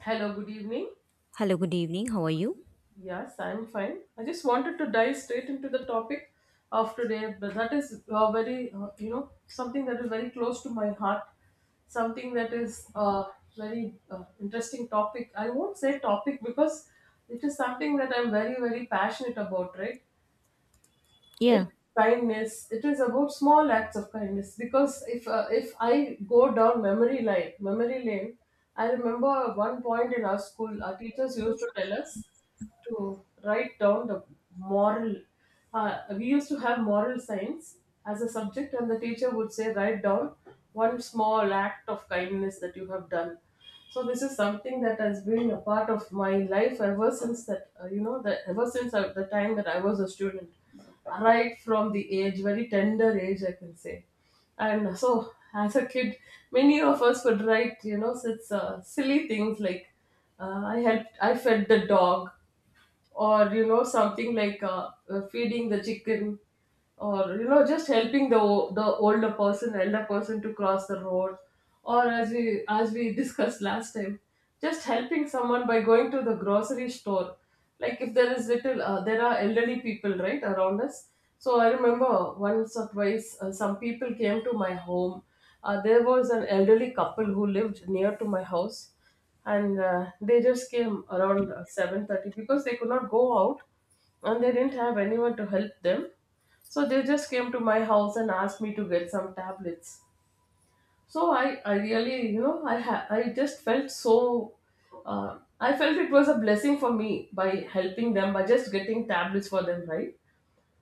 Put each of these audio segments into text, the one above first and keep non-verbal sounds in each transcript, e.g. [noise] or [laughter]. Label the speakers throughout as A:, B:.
A: Hello, good evening.
B: Hello, good evening. How are you?
A: Yes, I'm fine. I just wanted to dive straight into the topic of today, but that is very, you know, something that is very close to my heart, something that is very interesting topic. I won't say topic because it is something that I'm very, very passionate about, right? It
B: Yeah.
A: is kindness. It is about small acts of kindness because if I go down memory lane. I remember one point in our school, our teachers used to tell us to write down the moral. We used to have moral science as a subject, and the teacher would say, write down one small act of kindness that you have done. So this is something that has been a part of my life ever since that you know the ever since the time that I was a student, right from the age, very tender age I can say, and so as a kid many of us would write, you know, such silly things like I fed the dog, or you know, something like feeding the chicken, or you know, just helping the older person, elder person, to cross the road, or as we [laughs] discussed last time, just helping someone by going to the grocery store, like if there is little there are elderly people right around us. So I remember once or twice some people came to my home. There was an elderly couple who lived near to my house, and they just came around 7:30 because they could not go out and they didn't have anyone to help them, so they just came to my house and asked me to get some tablets. So I really, you know, I just felt so I felt it was a blessing for me by helping them, by just getting tablets for them, right?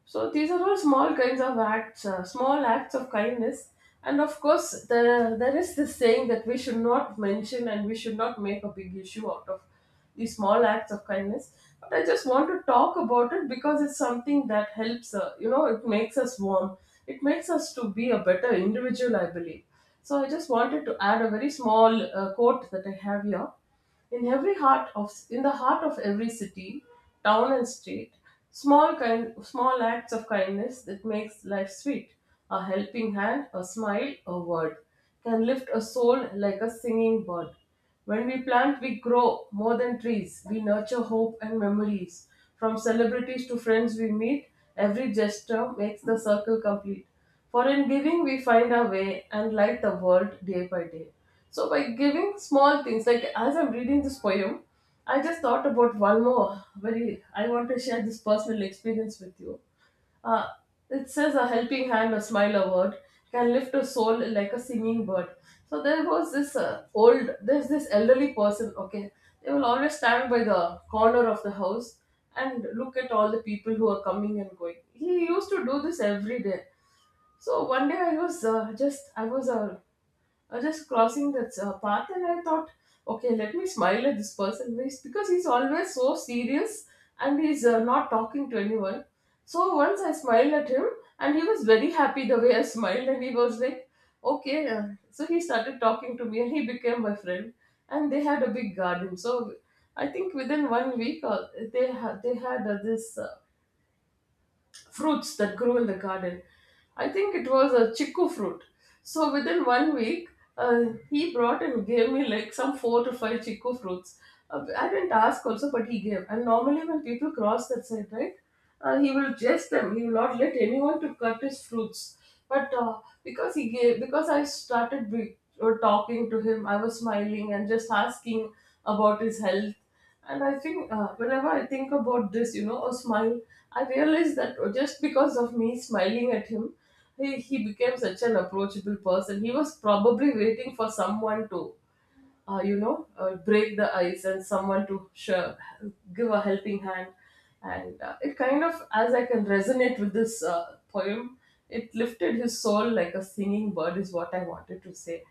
A: So these are all small kinds of acts, small acts of kindness. And of course, there is this saying that we should not mention and we should not make a big issue out of these small acts of kindness. But I just want to talk about it because it's something that helps, you know, it makes us warm. It makes us to be a better individual, I believe. So I just wanted to add a very small quote that I have here. In the heart of every city, town and state, small acts of kindness that makes life sweet. A helping hand, a smile, a word can lift a soul like a singing bird. When we plant, we grow more than trees. We nurture hope and memories. From celebrities to friends we meet, every gesture makes the circle complete. For in giving, we find our way and light the world day by day. So, by giving small things, like as I'm reading this poem, I just thought about one more very, I want to share this personal experience with you. Uh, it says, a helping hand, a smile, a word can lift a soul like a singing bird. So, there was this there's this elderly person, okay, they will always stand by the corner of the house and look at all the people who are coming and going. He used to do this every day. So one day I was just crossing that path, and I thought, okay, let me smile at this person. Because he's always so serious and he's not talking to anyone. So once I smiled at him and he was very happy the way I smiled, and he was like, okay. So he started talking to me and he became my friend, and they had a big garden. So I think within one week, they had this. Fruits that grow in the garden. I think it was a chiku fruit. So within one week, he brought and gave me like some four to five chiku fruits. I didn't ask also, but he gave. And normally when people cross that side, right, he will jest them. He will not let anyone to cut his fruits. But because he gave, because I started talking to him, I was smiling and just asking about his health. And I think whenever I think about this, you know, a smile, I realize that just because of me smiling at him, he became such an approachable person. He was probably waiting for someone to, break the ice and someone to give a helping hand. And it kind of, as I can resonate with this poem, it lifted his soul like a singing bird, is what I wanted to say.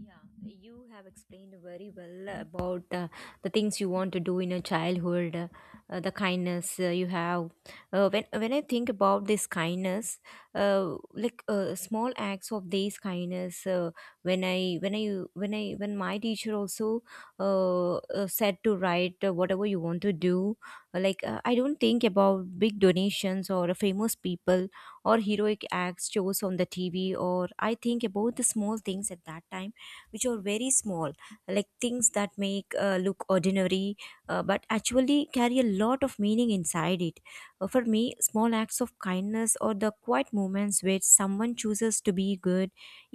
B: Yeah, you have explained very well about the things you want to do in your childhood, the kindness you have. When I think about this kindness, small acts of these kindness, when my teacher also said to write whatever you want to do, I don't think about big donations or famous people or heroic acts shows on the TV, or I think about the small things at that time which are very small, like things that make look ordinary, but actually carry a lot of meaning inside it. For me, small acts of kindness or the quiet moments where someone chooses to be good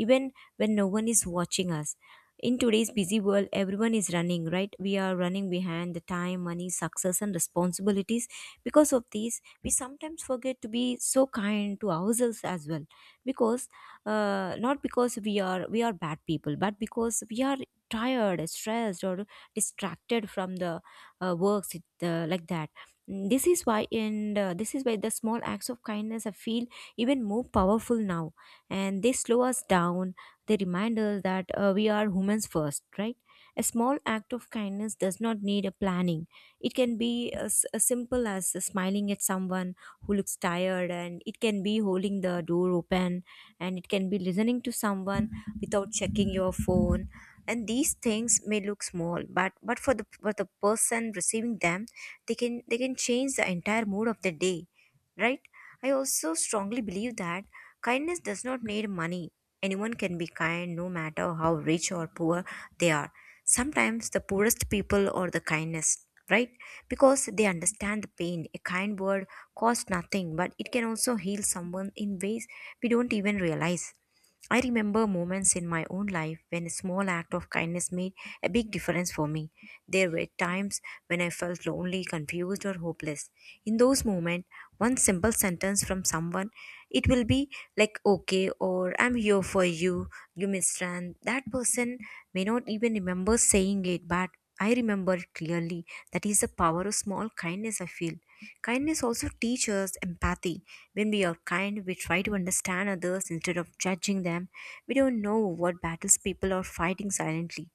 B: even when no one is watching us. In today's busy world, everyone is running, right? We are running behind the time, money, success, and responsibilities. Because of these, we sometimes forget to be so kind to ourselves as well. Because not because we are bad people, but because we are tired, stressed, or distracted from the works it, like that. This is why, and this is why the small acts of kindness I feel even more powerful now, and they slow us down. They remind us that we are humans first, right? A small act of kindness does not need a planning. It can be as simple as smiling at someone who looks tired, and it can be holding the door open, and it can be listening to someone without checking your phone. And these things may look small, but for the person receiving them, they can change the entire mood of the day, right? I also strongly believe that kindness does not need money. Anyone can be kind, no matter how rich or poor they are. Sometimes the poorest people are the kindest, right? Because they understand the pain. A kind word costs nothing, but it can also heal someone in ways we don't even realize. I remember moments in my own life when a small act of kindness made a big difference for me. There were times when I felt lonely, confused, or hopeless. In those moments, one simple sentence from someone, it will be like, okay, or I'm here for you. You misunderstand that person may not even remember saying it, but I remember it clearly. That is the power of small kindness, I feel. Kindness also teaches empathy. When we are kind, we try to understand others instead of judging them. We don't know what battles people are fighting silently.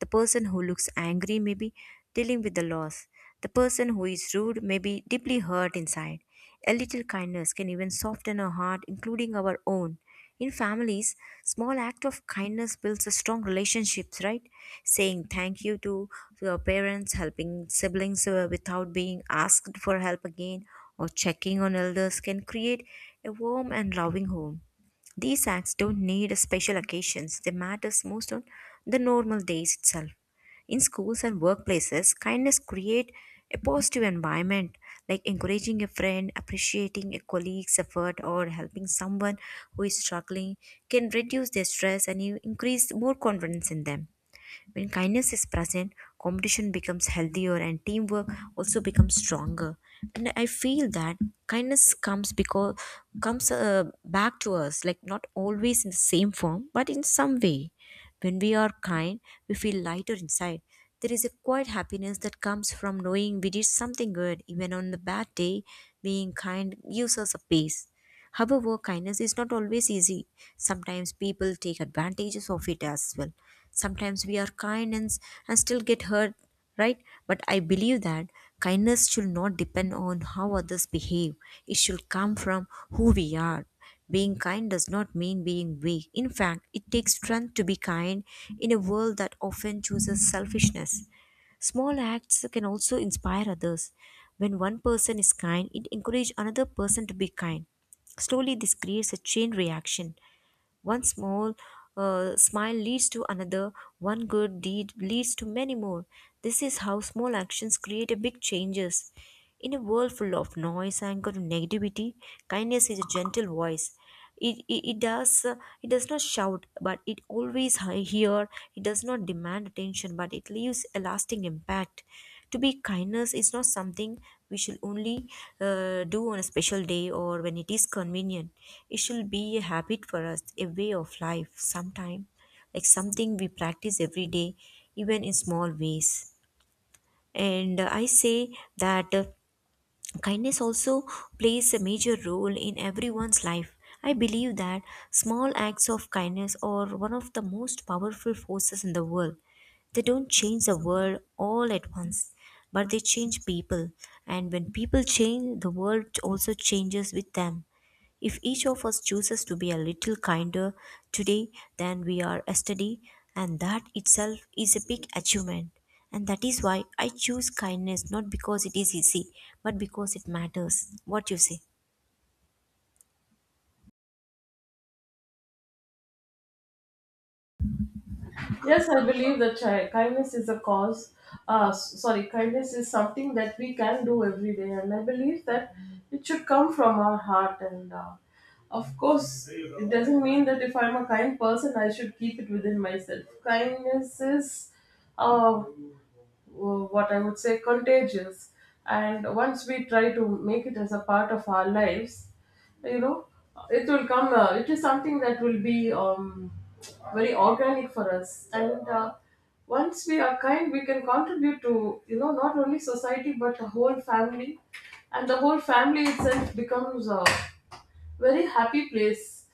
B: The person who looks angry may be dealing with the loss. The person who is rude may be deeply hurt inside. A little kindness can even soften a heart, including our own. In families, small act of kindness builds a strong relationships, right? Saying thank you to your parents, helping siblings without being asked for help again, or checking on elders can create a warm and loving home. These acts don't need special occasions, they matter most on the normal days itself. In schools and workplaces, kindness create a positive environment, like encouraging a friend, appreciating a colleague's effort, or helping someone who is struggling can reduce their stress and you increase more confidence in them. When kindness is present, competition becomes healthier and teamwork also becomes stronger. And I feel that kindness comes because comes back to us, like not always in the same form, but in some way. When we are kind, we feel lighter inside. There is a quiet happiness that comes from knowing we did something good, even on the bad day. Being kind gives us a peace. However, kindness is not always easy. Sometimes people take advantages of it as well. Sometimes we are kind and, and still get hurt, right? But I believe that kindness should not depend on how others behave, it should come from who we are. Being kind does not mean being weak. In fact, it takes strength to be kind in a world that often chooses selfishness. Small acts can also inspire others. When one person is kind, it encourages another person to be kind. Slowly, this creates a chain reaction. One small smile leads to another, one good deed leads to many more. This is how small actions create a big changes. In a world full of noise, anger, and negativity, kindness is a gentle voice. It, it, it does uh, it does not shout, but it always hear. It does not demand attention, but it leaves a lasting impact. To be kindness is not something we shall only do on a special day or when it is convenient. It shall be a habit for us, a way of life sometime, like something we practice every day, even in small ways. And I say that, kindness also plays a major role in everyone's life. I believe that small acts of kindness are one of the most powerful forces in the world. They don't change the world all at once, but they change people. And when people change, the world also changes with them. If each of us chooses to be a little kinder today than we are yesterday, and that itself is a big achievement. And that is why I choose kindness, not because it is easy, but because it matters. What you say?
A: Yes, I believe that kindness is a cause. Sorry, kindness is something that we can do every day, and I believe that it should come from our heart. And of course, it doesn't mean that if I'm a kind person, I should keep it within myself. Kindness is uh, what I would say contagious. And once we try to make it as a part of our lives, you know, it will come, it is something that will be very organic for us. And once we are kind, we can contribute to, you know, not only society but a whole family, and the whole family itself becomes a very happy place.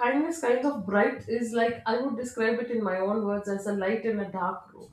A: Kindness kind of bright is like I would describe it in my own words as a light in a dark room.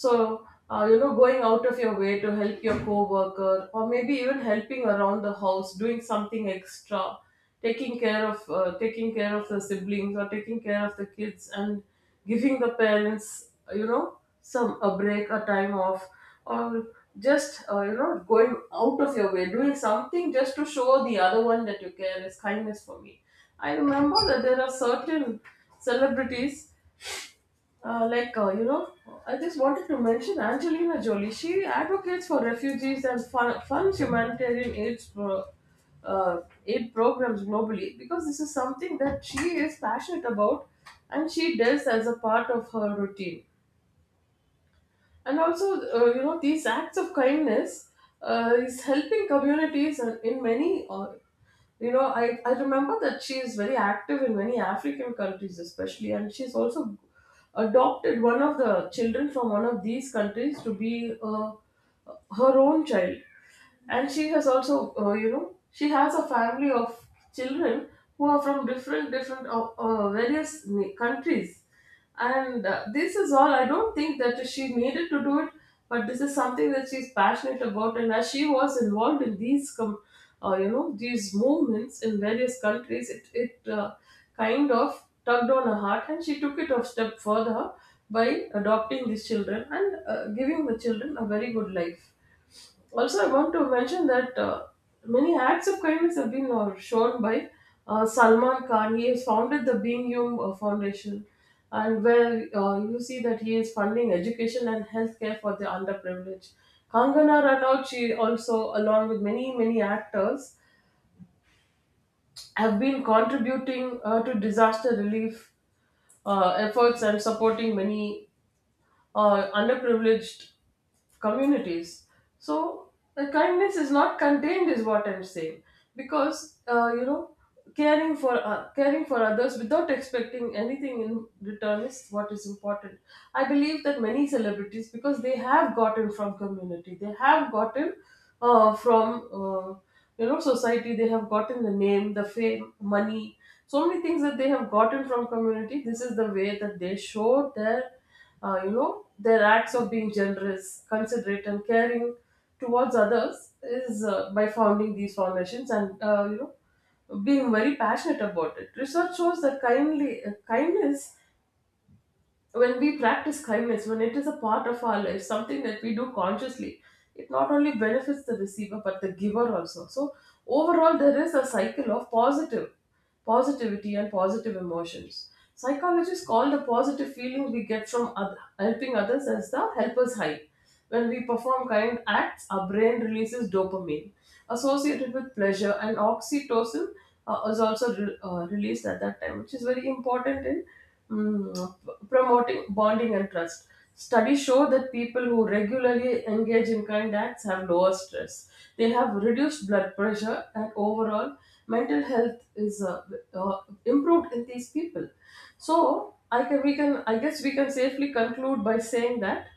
A: So, you know, going out of your way to help your coworker, or maybe even helping around the house, doing something extra, taking care of the siblings, or taking care of the kids, and giving the parents, you know, some a break, a time off, or just you know, going out of your way, doing something just to show the other one that you care is kindness for me. I remember that there are certain celebrities you know, I just wanted to mention Angelina Jolie. She advocates for refugees and funds humanitarian uh, aid programs globally because this is something that she is passionate about and she does as a part of her routine. And also you know, these acts of kindness is helping communities. And in many you know, I remember that she is very active in many African countries especially, and she's also adopted one of the children from one of these countries to be her own child. And she has also, you know, she has a family of children who are from different countries. And this is all, I don't think that she needed to do it, but this is something that she's passionate about. And as she was involved in these you know, these movements in various countries, it kind of tugged on her heart, and she took it a step further by adopting these children and giving the children a very good life. Also, I want to mention that many acts of kindness have been shown by Salman Khan. He has founded the Being Hum Foundation, and where you see that he is funding education and healthcare for the underprivileged. Kangana Ranaut, she also, along with many actors, have been contributing to disaster relief efforts and supporting many or underprivileged communities. So the kindness is not contained, is what I'm saying. Because you know, caring for caring for others without expecting anything in return is what is important. I believe that many celebrities, because they have gotten from community, they have gotten from you know, society, they have gotten the name, the fame, money, so many things that they have gotten from community. This is the way that they show their you know, their acts of being generous, considerate, and caring towards others is by founding these foundations and you know, being very passionate about it. Research shows that kindly kindness, when we practice kindness, when it is a part of our life, something that we do consciously, it not only benefits the receiver but the giver also. So overall, there is a cycle of positive positivity and positive emotions. Psychologists call the positive feeling we get from helping others as the helper's high. When we perform kind acts, our brain releases dopamine associated with pleasure, and oxytocin released at that time, which is very important in promoting bonding and trust. Studies show that people who regularly engage in kind acts have lower stress. They have reduced blood pressure, and overall, mental health is uh, improved in these people. So I guess we can safely conclude by saying that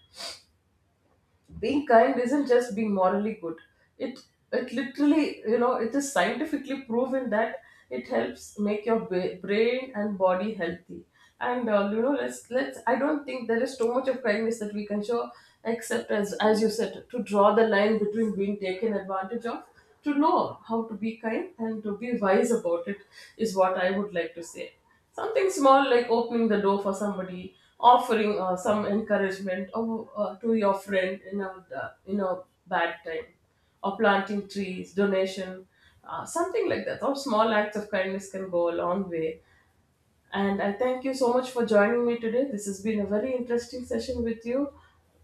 A: being kind isn't just being morally good, it it literally, you know, it is scientifically proven that it helps make your brain and body healthy. And you know, let's I don't think there is too much of kindness that we can show, except as you said, to draw the line between being taken advantage of, to know how to be kind and to be wise about it, is what I would like to say. Something small like opening the door for somebody, offering some encouragement or, to your friend in a bad time, or planting trees, donation, something like that. All small acts of kindness can go a long way. And I thank you so much for joining me today. This has been a very interesting session with you.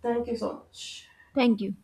A: Thank you so much.
B: Thank you.